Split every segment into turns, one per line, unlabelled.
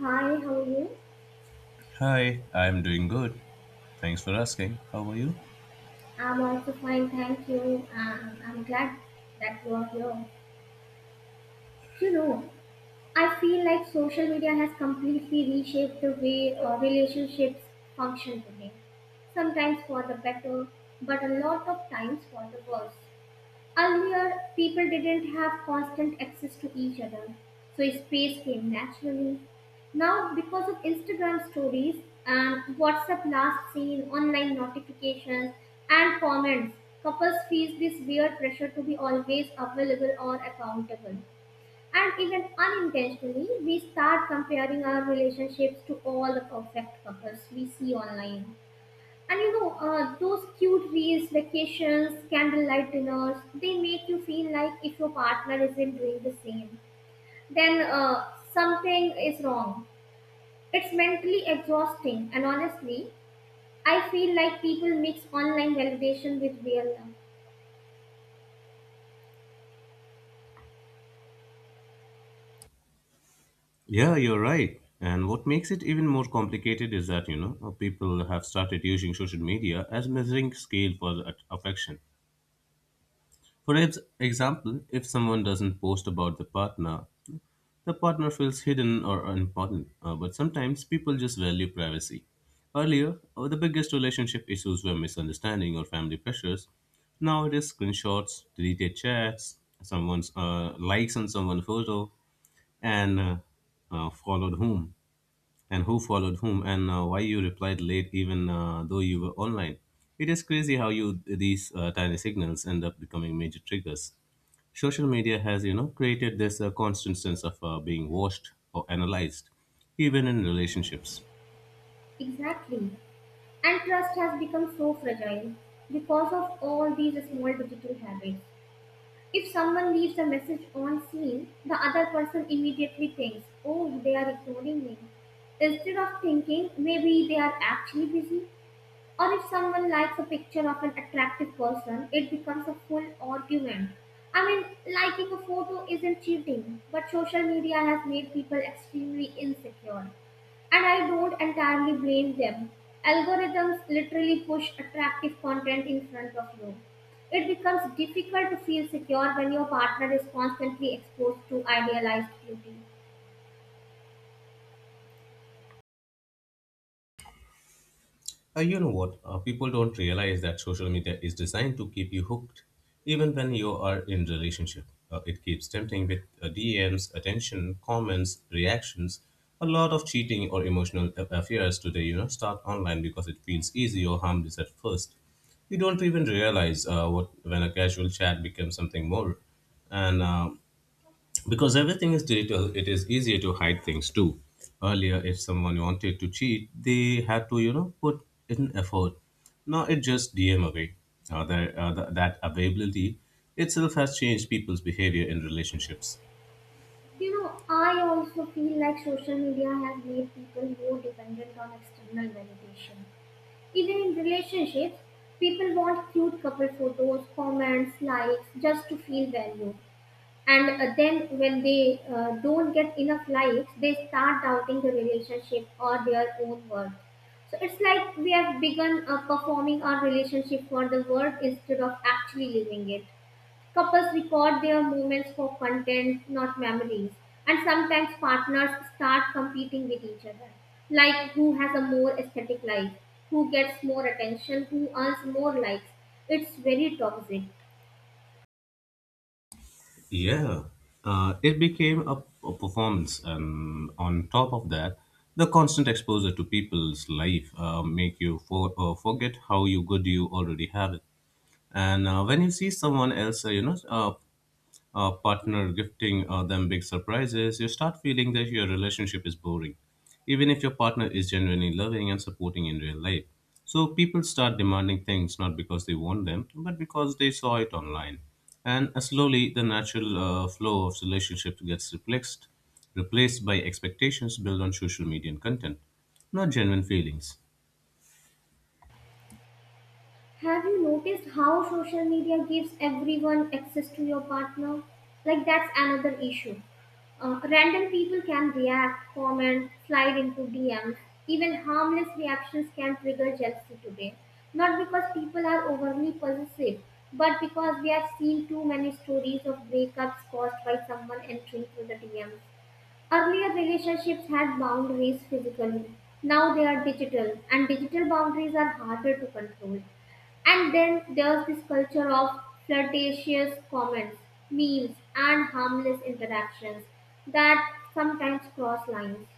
Hi, how are you?
Hi, I'm doing good. Thanks for asking. How are you?
I'm also fine, thank you. I'm glad that you are here. You know, I feel like social media has completely reshaped the way relationships function today. Sometimes for the better, but a lot of times for the worse. Earlier, people didn't have constant access to each other, so space came naturally. Now, because of Instagram stories and WhatsApp last seen, online notifications, and comments, couples feel this weird pressure to be always available or accountable. And even unintentionally, we start comparing our relationships to all the perfect couples we see online. And you know, those cute reels, vacations, candlelight dinners, they make you feel like if your partner isn't doing the same, then something is wrong. It's mentally exhausting, and honestly, I feel like people mix online validation with real love.
Yeah, you're right. And what makes it even more complicated is that, you know, people have started using social media as measuring scale for the affection. For example, if someone doesn't post about the partner. The partner feels hidden or unimportant, but sometimes people just value privacy. Earlier, the biggest relationship issues were misunderstanding or family pressures. Now it is screenshots, deleted chats, someone's likes on someone's photo, and followed whom, and who followed whom, and why you replied late even though you were online. It is crazy how you these tiny signals end up becoming major triggers. Social media has, you know, created this constant sense of being watched or analyzed even in relationships.
Exactly. And trust has become so fragile because of all these small digital habits. If someone leaves a message on scene, the other person immediately thinks, oh, they are ignoring me. Instead of thinking, maybe they are actually busy. Or if someone likes a picture of an attractive person, it becomes a full argument. I mean, liking a photo isn't cheating, but social media has made people extremely insecure. And I don't entirely blame them. Algorithms literally push attractive content in front of you. It becomes difficult to feel secure when your partner is constantly exposed to idealized beauty.
You know what, people don't realize that social media is designed to keep you hooked even when you are in relationship. It keeps tempting with DMs, attention, comments, reactions. A lot of cheating or emotional affairs today, you know, start online because it feels easy or harmless at first. You don't even realize what when a casual chat becomes something more. And because everything is digital, it is easier to hide things too. Earlier, if someone wanted to cheat, they had to, you know, put in effort. Now it just DM away. That availability itself has changed people's behavior in relationships.
You know, I also feel like social media has made people more dependent on external validation. Even in relationships, people want cute couple photos, comments, likes, just to feel valued. And then when they don't get enough likes, they start doubting the relationship or their own worth. So it's like we have begun performing our relationship for the world instead of actually living it. Couples record their moments for content, not memories. And sometimes partners start competing with each other, like who has a more aesthetic life, who gets more attention, who earns more likes. It's very toxic.
Yeah, it became a performance, and on top of that the constant exposure to people's life make you forget how you good you already have it. And when you see someone else, partner gifting them big surprises, you start feeling that your relationship is boring, even if your partner is genuinely loving and supporting in real life. So people start demanding things not because they want them, but because they saw it online. And slowly, the natural flow of relationships gets replaced by expectations built on social media and content, not genuine feelings.
Have you noticed how social media gives everyone access to your partner? Like, that's another issue. Random people can react, comment, slide into DMs. Even harmless reactions can trigger jealousy today. Not because people are overly possessive, but because we have seen too many stories of breakups caused by someone entering through the DMs. Earlier relationships had boundaries physically. Now they are digital, and digital boundaries are harder to control. And then there's this culture of flirtatious comments, memes, and harmless interactions that sometimes cross lines.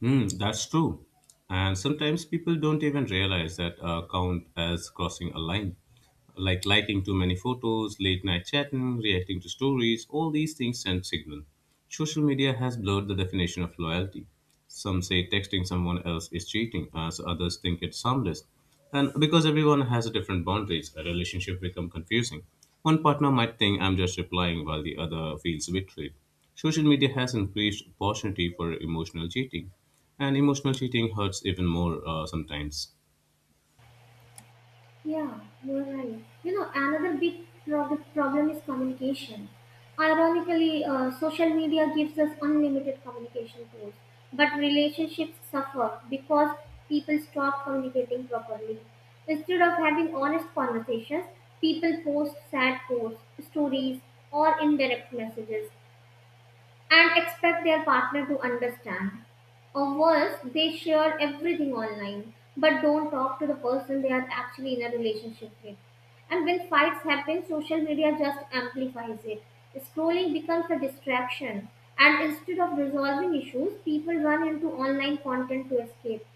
Hmm, that's true. And sometimes people don't even realize that count as crossing a line. Like liking too many photos, late night chatting, reacting to stories, all these things send signal. Social media has blurred the definition of loyalty. Some say texting someone else is cheating, as others think it's harmless. And because everyone has a different boundaries, a relationship become confusing. One partner might think I'm just replying while the other feels betrayed. Social media has increased opportunity for emotional cheating, and emotional cheating hurts even more sometimes.
Yeah, you're right. You know, another big problem is communication. Ironically, social media gives us unlimited communication tools, but relationships suffer because people stop communicating properly. Instead of having honest conversations, people post sad posts, stories, or indirect messages and expect their partner to understand. Or worse, they share everything online but don't talk to the person they are actually in a relationship with. And when fights happen, social media just amplifies it. Scrolling becomes a distraction, and instead of resolving issues, people run into online content to escape.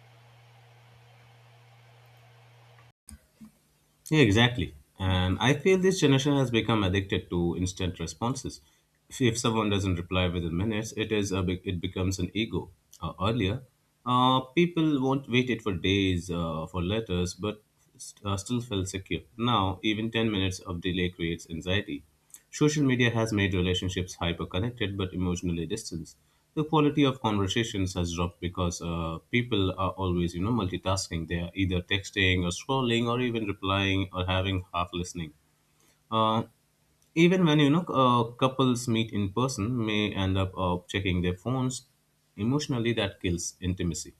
Yeah, exactly. And I feel this generation has become addicted to instant responses. If someone doesn't reply within minutes, it is a big, it becomes an ego. Earlier, people won't waited for days for letters, but still felt secure. Now, even 10 minutes of delay creates anxiety. Social media has made relationships hyper-connected but emotionally distant. The quality of conversations has dropped because people are always, you know, multitasking. They are either texting or scrolling or even replying or having half listening. Uh, Even when, you know, couples meet in person, may end up checking their phones. Emotionally, that kills intimacy.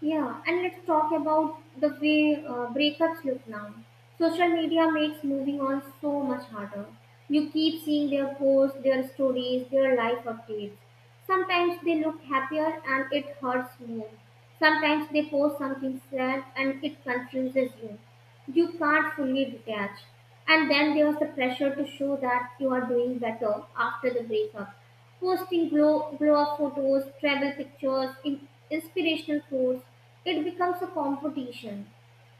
Yeah, and let's talk about the way breakups look now. Social media makes moving on so much harder. You keep seeing their posts, their stories, their life updates. Sometimes they look happier and it hurts more. Sometimes they post something sad and it confuses you, can't fully detach. And then there was the pressure to show that you are doing better after the breakup. Posting glow up photos, travel pictures, inspirational quotes, it becomes a competition.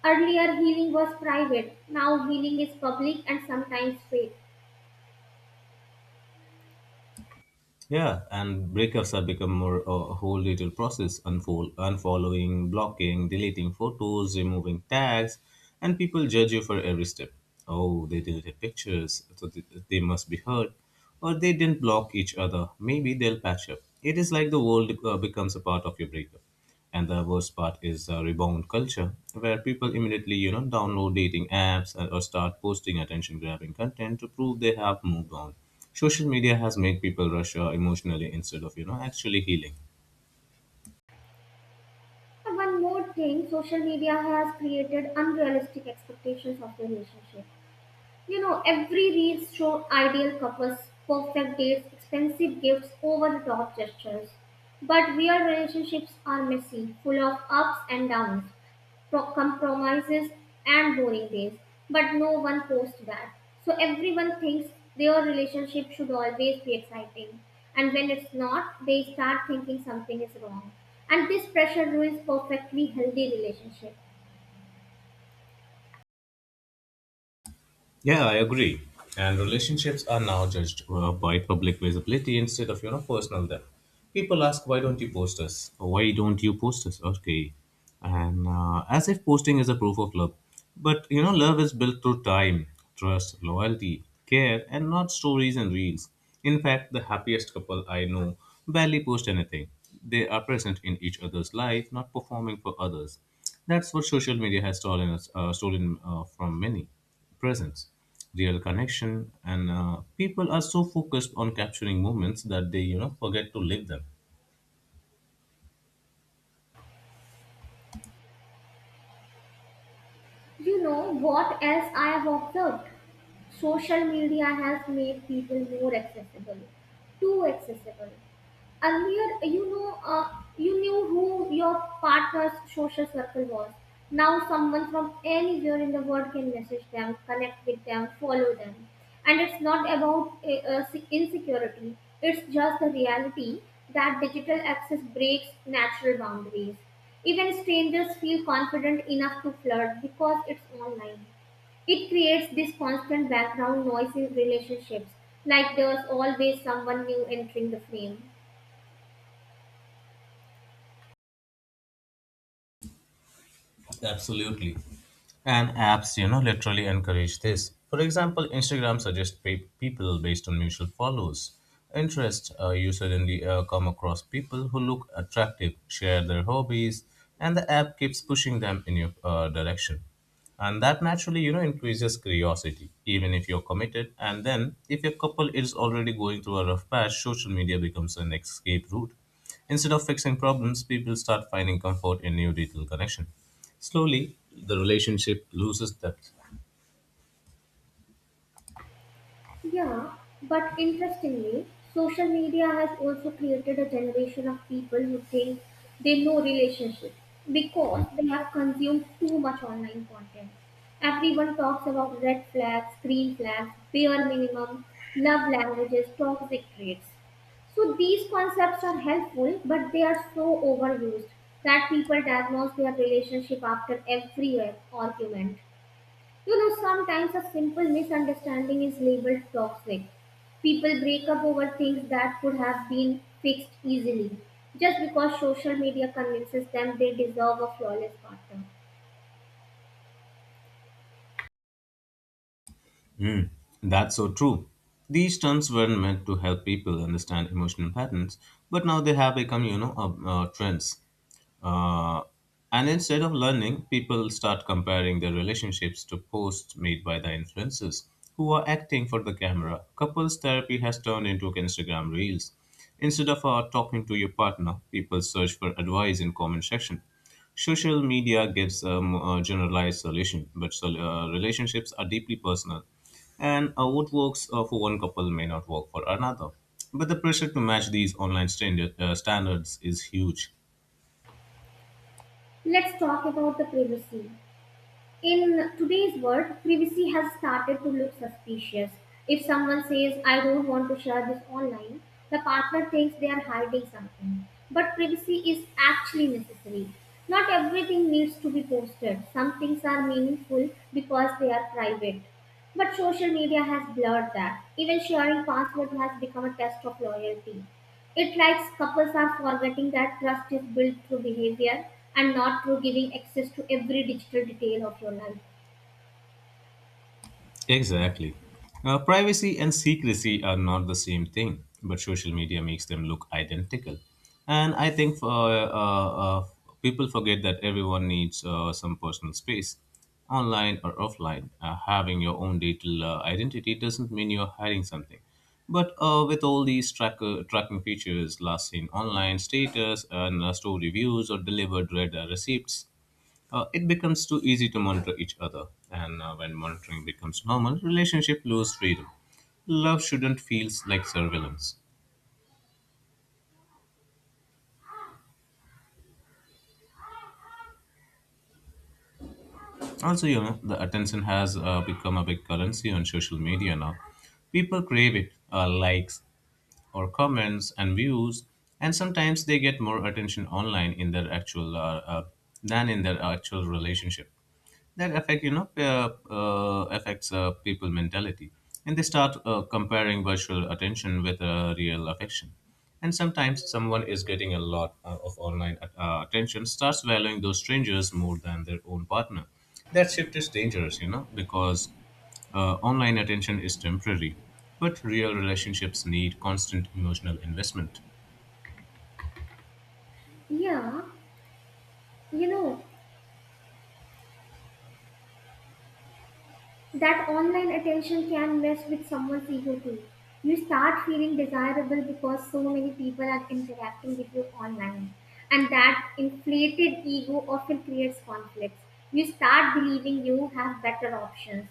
Earlier, healing was private. Now, healing is public and sometimes fake.
Yeah, and breakups have become more a whole little process, unfold, unfollowing, blocking, deleting photos, removing tags, and people judge you for every step. Oh, they deleted pictures, so they must be hurt, or they didn't block each other. Maybe they'll patch up. It is like the world becomes a part of your breakup. And the worst part is the rebound culture, where people immediately, you know, download dating apps and- or start posting attention-grabbing content to prove they have moved on. Social media has made people rush emotionally instead of, you know, actually healing.
And one more thing social media has created unrealistic expectations of the relationship. You know, every reel show ideal couples, perfect dates, expensive gifts, over the top gestures. But real relationships are messy, full of ups and downs, compromises, and boring days. But no one posts that. So everyone thinks their relationship should always be exciting. And when it's not, they start thinking something is wrong. And this pressure ruins perfectly healthy relationships.
Yeah, I agree. And relationships are now judged by public visibility instead of, you know, personal depth. People ask, "Why don't you post us? Why don't you post us?" Okay, and as if posting is a proof of love, but, you know, love is built through time, trust, loyalty, care, and not stories and reels. In fact, the happiest couple I know barely post anything. They are present in each other's life, not performing for others. That's what social media has stolen from many: presence, real connection, and people are so focused on capturing moments that they, you know, forget to live them.
You know what else I have observed? Social media has made people more accessible, too accessible. Earlier, you know, you knew who your partner's social circle was. Now someone from anywhere in the world can message them, connect with them, follow them, and it's not about insecurity, it's just the reality that digital access breaks natural boundaries. Even strangers feel confident enough to flirt because it's online. It creates this constant background noise in relationships, like there's always someone new entering the frame.
Absolutely. And apps, you know, literally encourage this. For example, Instagram suggests people based on mutual follows. Interest, you suddenly come across people who look attractive, share their hobbies, and the app keeps pushing them in your direction. And that naturally, you know, increases curiosity, even if you're committed. And then, if your couple is already going through a rough patch, social media becomes an escape route. Instead of fixing problems, people start finding comfort in new digital connection. Slowly, the relationship loses depth.
Yeah, but interestingly, social media has also created a generation of people who think they know relationships because they have consumed too much online content. Everyone talks about red flags, green flags, bare minimum, love languages, toxic traits. So these concepts are helpful, but they are so overused that people diagnose their relationship after every argument. You know, sometimes a simple misunderstanding is labeled toxic. People break up over things that could have been fixed easily just because social media convinces them they deserve a flawless partner.
Mm, that's so true. These terms weren't meant to help people understand emotional patterns, but now they have become, you know, trends. Uh, and instead of learning, people start comparing their relationships to posts made by the influencers who are acting for the camera. Couples therapy has turned into Instagram reels. Instead of talking to your partner, people search for advice in comment section. Social media gives a generalized solution, but relationships are deeply personal. And what works for one couple may not work for another. But the pressure to match these standards is huge.
Let's talk about the privacy. In today's world, privacy has started to look suspicious. If someone says, I don't want to share this online, the partner thinks they are hiding something. But privacy is actually necessary. Not everything needs to be posted. Some things are meaningful because they are private. But social media has blurred that. Even sharing passwords has become a test of loyalty. It likes couples are forgetting that trust is built through behavior and not through giving access to every digital detail of your life.
Exactly. Privacy and secrecy are not the same thing, but social media makes them look identical. And I think people forget that everyone needs some personal space, online or offline. Having your own digital identity doesn't mean you're hiding something. But with all these tracking features, last seen online status, and store reviews, or delivered read receipts, it becomes too easy to monitor each other. And when monitoring becomes normal, relationship lose freedom. Love shouldn't feel like surveillance. Also, you know, the attention has become a big currency on social media now. People crave it, likes or comments and views, and sometimes they get more attention online in their actual than in their actual relationship. That affects people mentality, and they start comparing virtual attention with real affection. And sometimes someone is getting a lot of online attention starts valuing those strangers more than their own partner. That shift is dangerous, you know, because online attention is temporary, but real relationships need constant emotional investment.
Yeah, you know, that online attention can mess with someone's ego too. You start feeling desirable because so many people are interacting with you online. And that inflated ego often creates conflicts. You start believing you have better options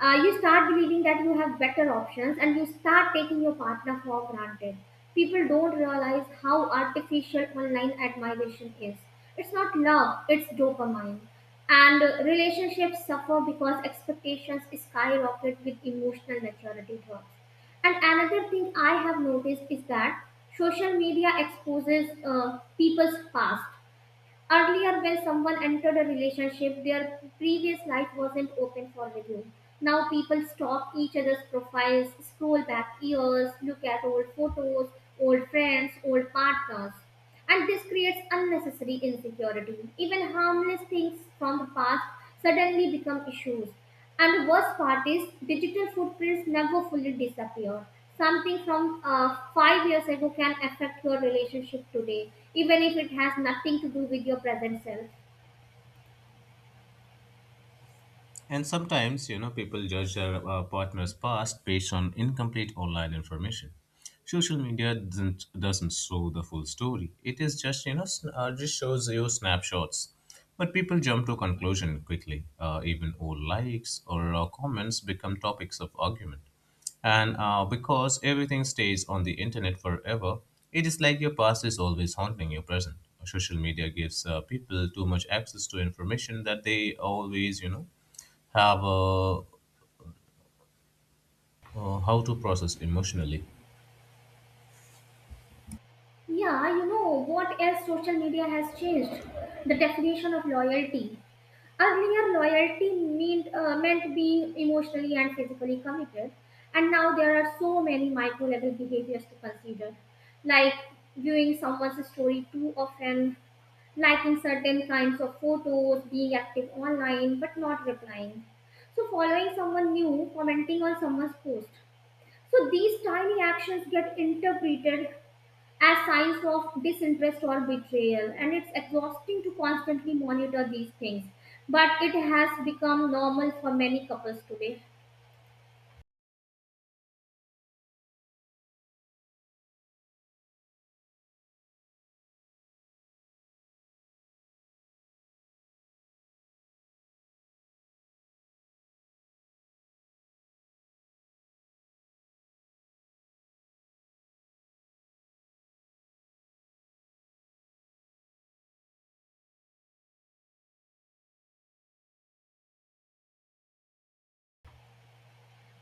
you start believing that you have better options and you start taking your partner for granted. People don't realize how artificial online admiration is. It's not love, it's dopamine. And relationships suffer because expectations skyrocket with emotional maturity drops. And another thing I have noticed is that social media exposes people's past. Earlier, when someone entered a relationship, their previous life wasn't open for review. Now people stalk each other's profiles, scroll back years, look at old photos, old friends, old partners. And this creates unnecessary insecurity. Even harmless things from the past suddenly become issues. And the worst part is, digital footprints never fully disappear. Something from five years ago can affect your relationship today, even if it has nothing to do with your present self.
And sometimes, you know, people judge their partner's past based on incomplete online information. Social media doesn't show the full story. It is just, you know, just shows you snapshots, but people jump to conclusion quickly. Even old likes or comments become topics of argument. And because everything stays on the internet forever, it is like your past is always haunting your present. Social media gives people too much access to information that they always, you know, have how to process emotionally.
Yeah, you know what else social media has changed? The definition of loyalty. Earlier, loyalty meant being emotionally and physically committed, and now there are so many micro level behaviors to consider, like viewing someone's story too often, liking certain kinds of photos, being active online but not replying. So, following someone new, commenting on someone's post. So, these tiny actions get interpreted as signs of disinterest or betrayal, and it's exhausting to constantly monitor these things. But it has become normal for many couples today.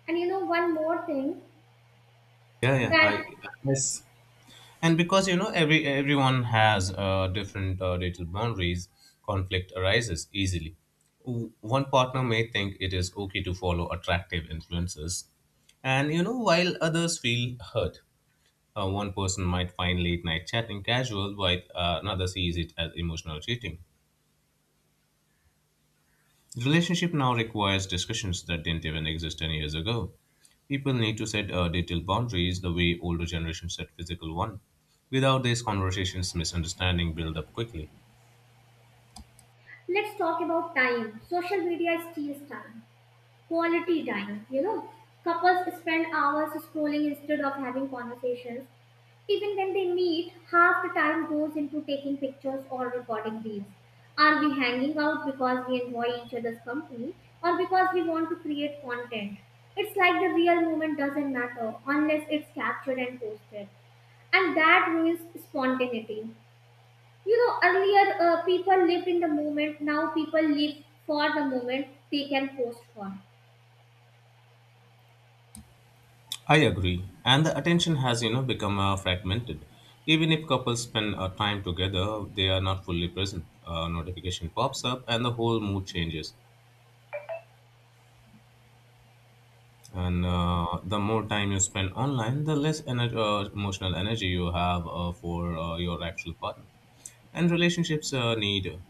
And you know, one more thing
Yeah, yeah.
that
I yes. And because, you know, everyone has different digital boundaries, conflict arises easily. One partner may think it is okay to follow attractive influences, and, you know, while others feel hurt. One person might find late night chatting casual while another sees it as emotional cheating. The relationship now requires discussions that didn't even exist 10 years ago. People need to set detailed boundaries the way older generations set physical ones. Without these conversations, misunderstanding build up quickly.
let's talk about time. Social media steals time. Quality time, you know. Couples spend hours scrolling instead of having conversations. Even when they meet, half the time goes into taking pictures or recording reels. Are we hanging out because we enjoy each other's company or because we want to create content? It's like the real moment doesn't matter unless it's captured and posted, and that ruins spontaneity. You know, earlier people lived in the moment, now people live for the moment they can post for.
I agree, and the attention has, you know, become fragmented. Even if couples spend time together, they are not fully present. A notification pops up, and the whole mood changes. And the more time you spend online, the less emotional energy you have for your actual partner. And relationships need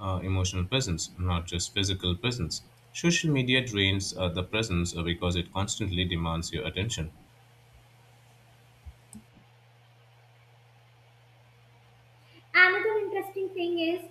emotional presence, not just physical presence. Social media drains the presence because it constantly demands your attention.
Another interesting thing is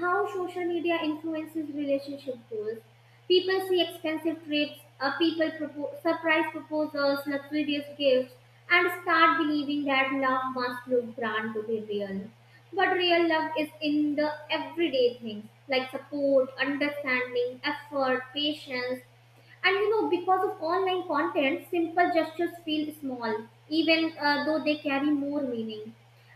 how social media influences relationship goals. People see expensive trips, surprise proposals, luxurious gifts, and start believing that love must look grand to be real. But real love is in the everyday things like support, understanding, effort, patience, and you know, because of online content, simple gestures feel small, even though they carry more meaning.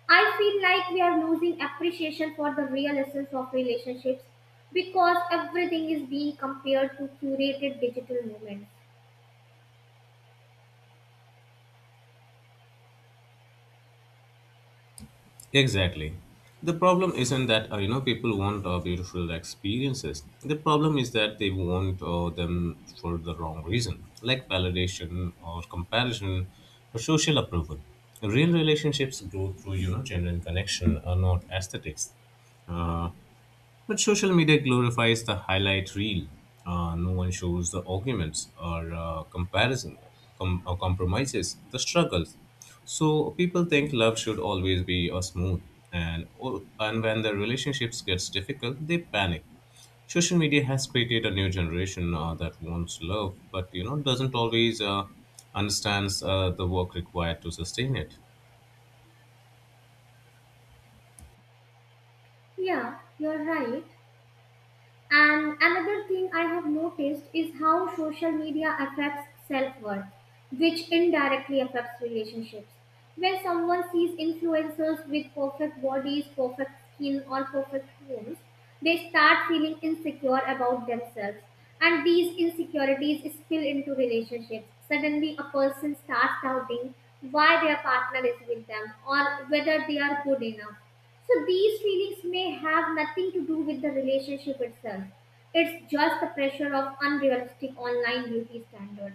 I feel like we are losing appreciation for the real essence of relationships because everything is being compared to curated digital moments.
Exactly. The problem isn't that, you know, people want beautiful experiences. The problem is that they want them for the wrong reason, like validation or comparison or social approval. Real relationships grow through, you know, genuine connection, not aesthetics. Uh, But social media glorifies the highlight reel. No one shows the arguments or comparison or compromises, the struggles. So people think love should always be smooth, and when the relationships gets difficult, they panic. Social media has created a new generation that wants love, but you know doesn't always understands the work required to sustain it.
Yeah, you're right. And another thing I have noticed is how social media affects self worth, which indirectly affects relationships. When someone sees influencers with perfect bodies, perfect skin, or perfect homes, they start feeling insecure about themselves. And these insecurities spill into relationships. Suddenly, a person starts doubting why their partner is with them or whether they are good enough. So these feelings may have nothing to do with the relationship itself. It's just the pressure of unrealistic online beauty standards.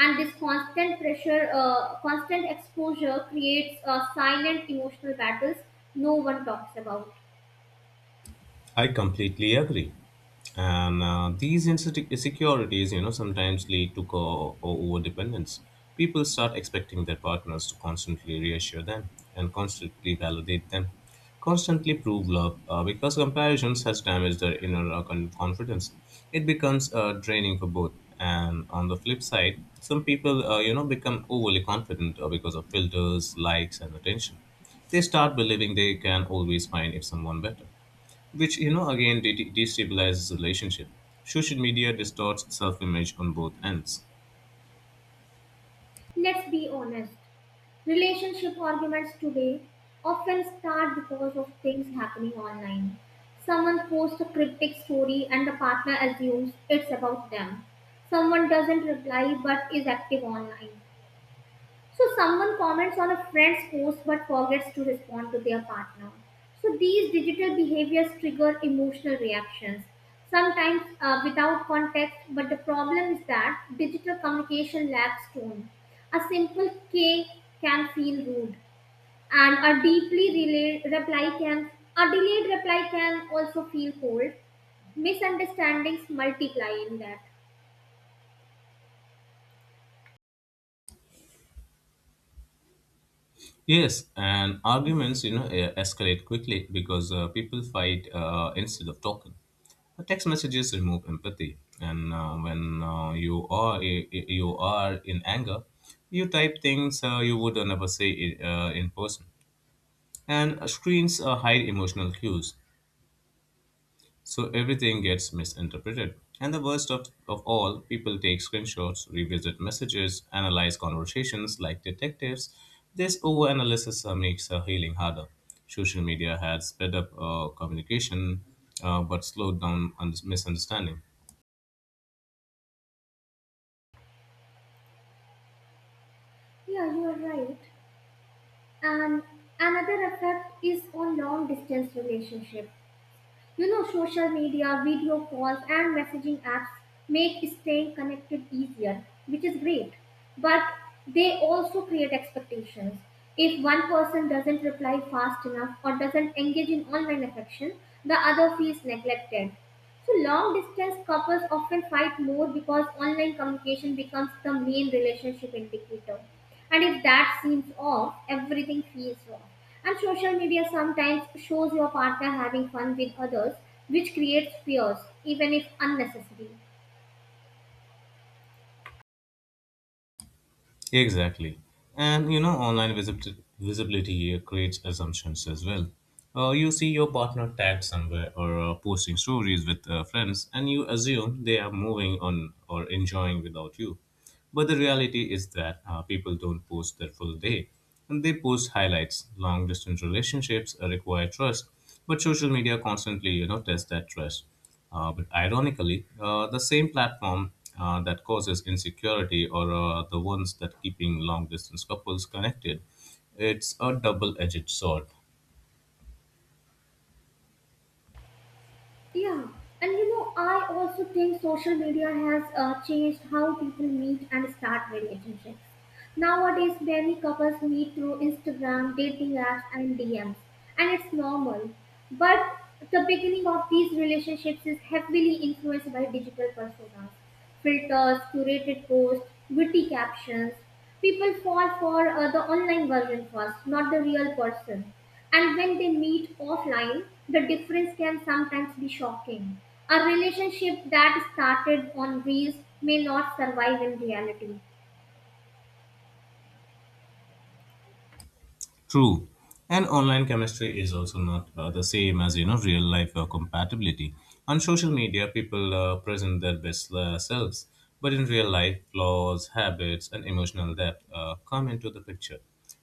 And this constant constant exposure creates silent emotional battles no one talks about.
I completely agree. And these insecurities, you know, sometimes lead to over dependence. People start expecting their partners to constantly reassure them and constantly validate them, constantly prove love, because comparisons has damaged their inner confidence. It becomes draining for both. And on the flip side, some people, become overly confident because of filters, likes, and attention. They start believing they can always find if someone better, which again destabilizes relationship. Social media distorts self-image on both ends.
Let's be honest. Relationship arguments today often start because of things happening online. Someone posts a cryptic story and the partner assumes it's about them. Someone doesn't reply but is active online. So someone comments on a friend's post but forgets to respond to their partner. So these digital behaviors trigger emotional reactions, sometimes without context. But the problem is that digital communication lacks tone. A simple K can feel rude, and a delayed reply can also feel cold. Misunderstandings multiply in that.
Yes, and arguments, escalate quickly because people fight instead of talking. Text messages remove empathy, and when you are eh, eh, you are in anger, you type things you would never say in person, and screens hide emotional cues. So everything gets misinterpreted. And the worst of all, people take screenshots, revisit messages, analyze conversations like detectives. This overanalysis makes healing harder. Social media has sped up communication, but slowed down misunderstanding.
Yeah, you are right. And another effect is on long distance relationship. You know, social media, video calls, and messaging apps make staying connected easier, which is great. But they also create expectations. If one person doesn't reply fast enough or doesn't engage in online affection, the other feels neglected. So long distance couples often fight more because online communication becomes the main relationship indicator. And if that seems off, everything feels wrong. And social media sometimes shows your partner having fun with others, which creates fears, even if unnecessary.
Exactly. And you know, online visibility creates assumptions as well. You see your partner tagged somewhere or posting stories with friends, and you assume they are moving on or enjoying without you. But the reality is that people don't post their full day. And they post highlights. Long distance relationships require trust, but social media constantly, you know, tests that trust. But ironically, the same platform that causes insecurity or the ones that keeping long distance couples connected, it's a double-edged sword.
Yeah, and you know, I also think social media has changed how people meet and start relationships. Nowadays, many couples meet through Instagram, dating apps, and DMs, and it's normal. But the beginning of these relationships is heavily influenced by digital personas, filters, curated posts, witty captions. People fall for the online version first, not the real person. And when they meet offline, the difference can sometimes be shocking. A relationship that started on Reels may not survive in reality.
True. And online chemistry is also not the same as you know real life compatibility. On social media, people present their best selves, but in real life, flaws, habits, and emotional depth come into the picture.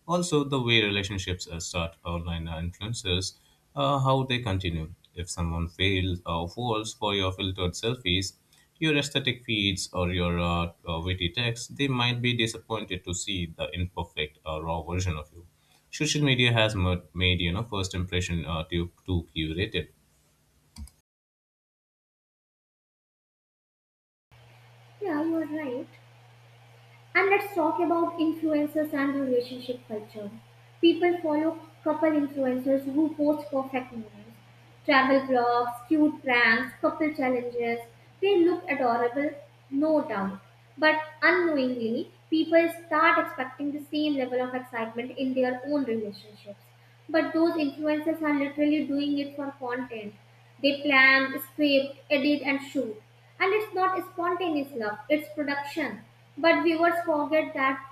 Also, the way relationships start online influences how they continue. If someone fails or falls for your filtered selfies, your aesthetic feeds or your witty text, they might be disappointed to see the imperfect, raw version of you. Social media has made you know first impression too curated.
Yeah, you are right. And let's talk about influencers and relationship culture. People follow couple influencers who post perfect moments, travel vlogs, cute pranks, couple challenges. They look adorable, no doubt. But unknowingly, people start expecting the same level of excitement in their own relationships. But those influencers are literally doing it for content. They plan, script, edit, and shoot. And it's not spontaneous love, it's production. But viewers forget that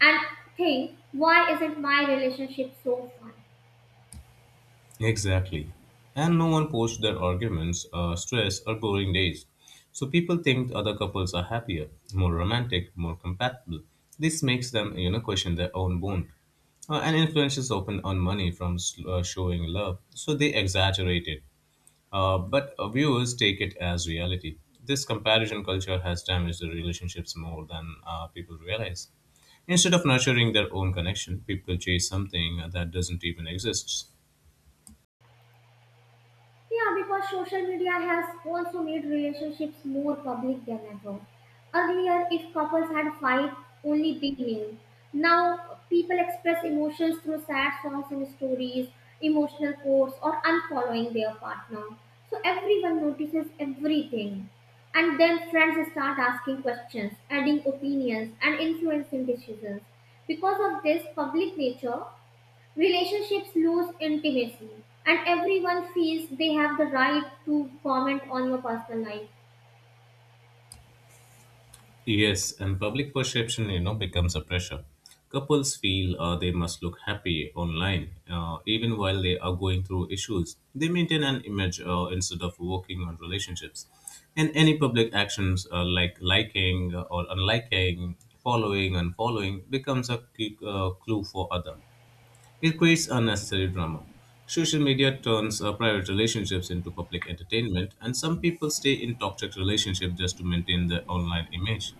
and think, why isn't my relationship so fun?
Exactly. And no one posts their arguments, stress, or boring days. So people think other couples are happier, more romantic, more compatible. This makes them, you know, question their own bond. And influences often earn money from showing love, so they exaggerate it. But viewers take it as reality. This comparison culture has damaged the relationships more than people realize. Instead of nurturing their own connection, people chase something that doesn't even exist.
Yeah, because social media has also made relationships more public than ever. Earlier, if couples had a fight, only they knew. Now, people express emotions through sad songs and stories, emotional quotes, or unfollowing their partner. So everyone notices everything. And then friends start asking questions, adding opinions, and influencing decisions. Because of this public nature, relationships lose intimacy, and everyone feels they have the right to comment on your personal life.
Yes, and public perception, you know, becomes a pressure. Couples feel they must look happy online, even while they are going through issues. They maintain an image instead of working on relationships. And any public actions like liking or unliking, following and following becomes a key, clue for other. It creates unnecessary drama. Social media turns private relationships into public entertainment, and some people stay in toxic relationships just to maintain their online image.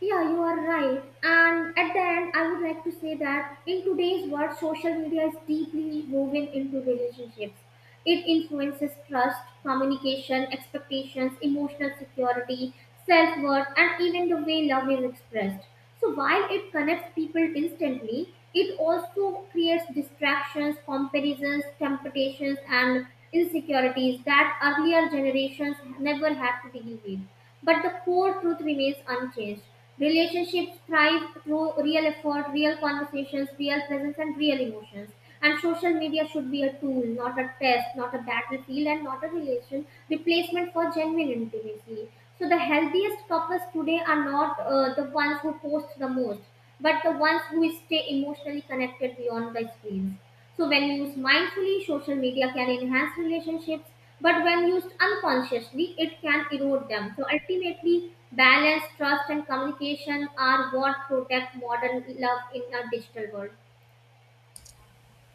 Yeah, you are right. And at the end, I would like to say that in today's world, social media is deeply woven into relationships. It influences trust, communication, expectations, emotional security, self worth, and even the way love is expressed. So while it connects people instantly, it also creates distractions, comparisons, temptations, and insecurities that earlier generations never had to deal with. But the core truth remains unchanged. Relationships thrive through real effort, real conversations, real presence, and real emotions. And social media should be a tool, not a test, not a battlefield, and not a relation replacement for genuine intimacy. So the healthiest couples today are not the ones who post the most, but the ones who stay emotionally connected beyond the screens. So when used mindfully, social media can enhance relationships, but when used unconsciously, it can erode them. So ultimately, balance, trust, and communication are what protect modern love in a digital world.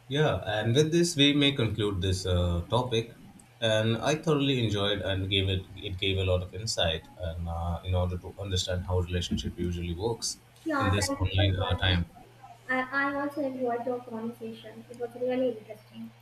Yeah, and with this, we may conclude this topic. And I thoroughly enjoyed and gave it. It gave a lot of insight, and in order to understand how relationship usually works in
Yeah,
this
thank you so
online
much.
time.
I also enjoyed your conversation. It was really interesting.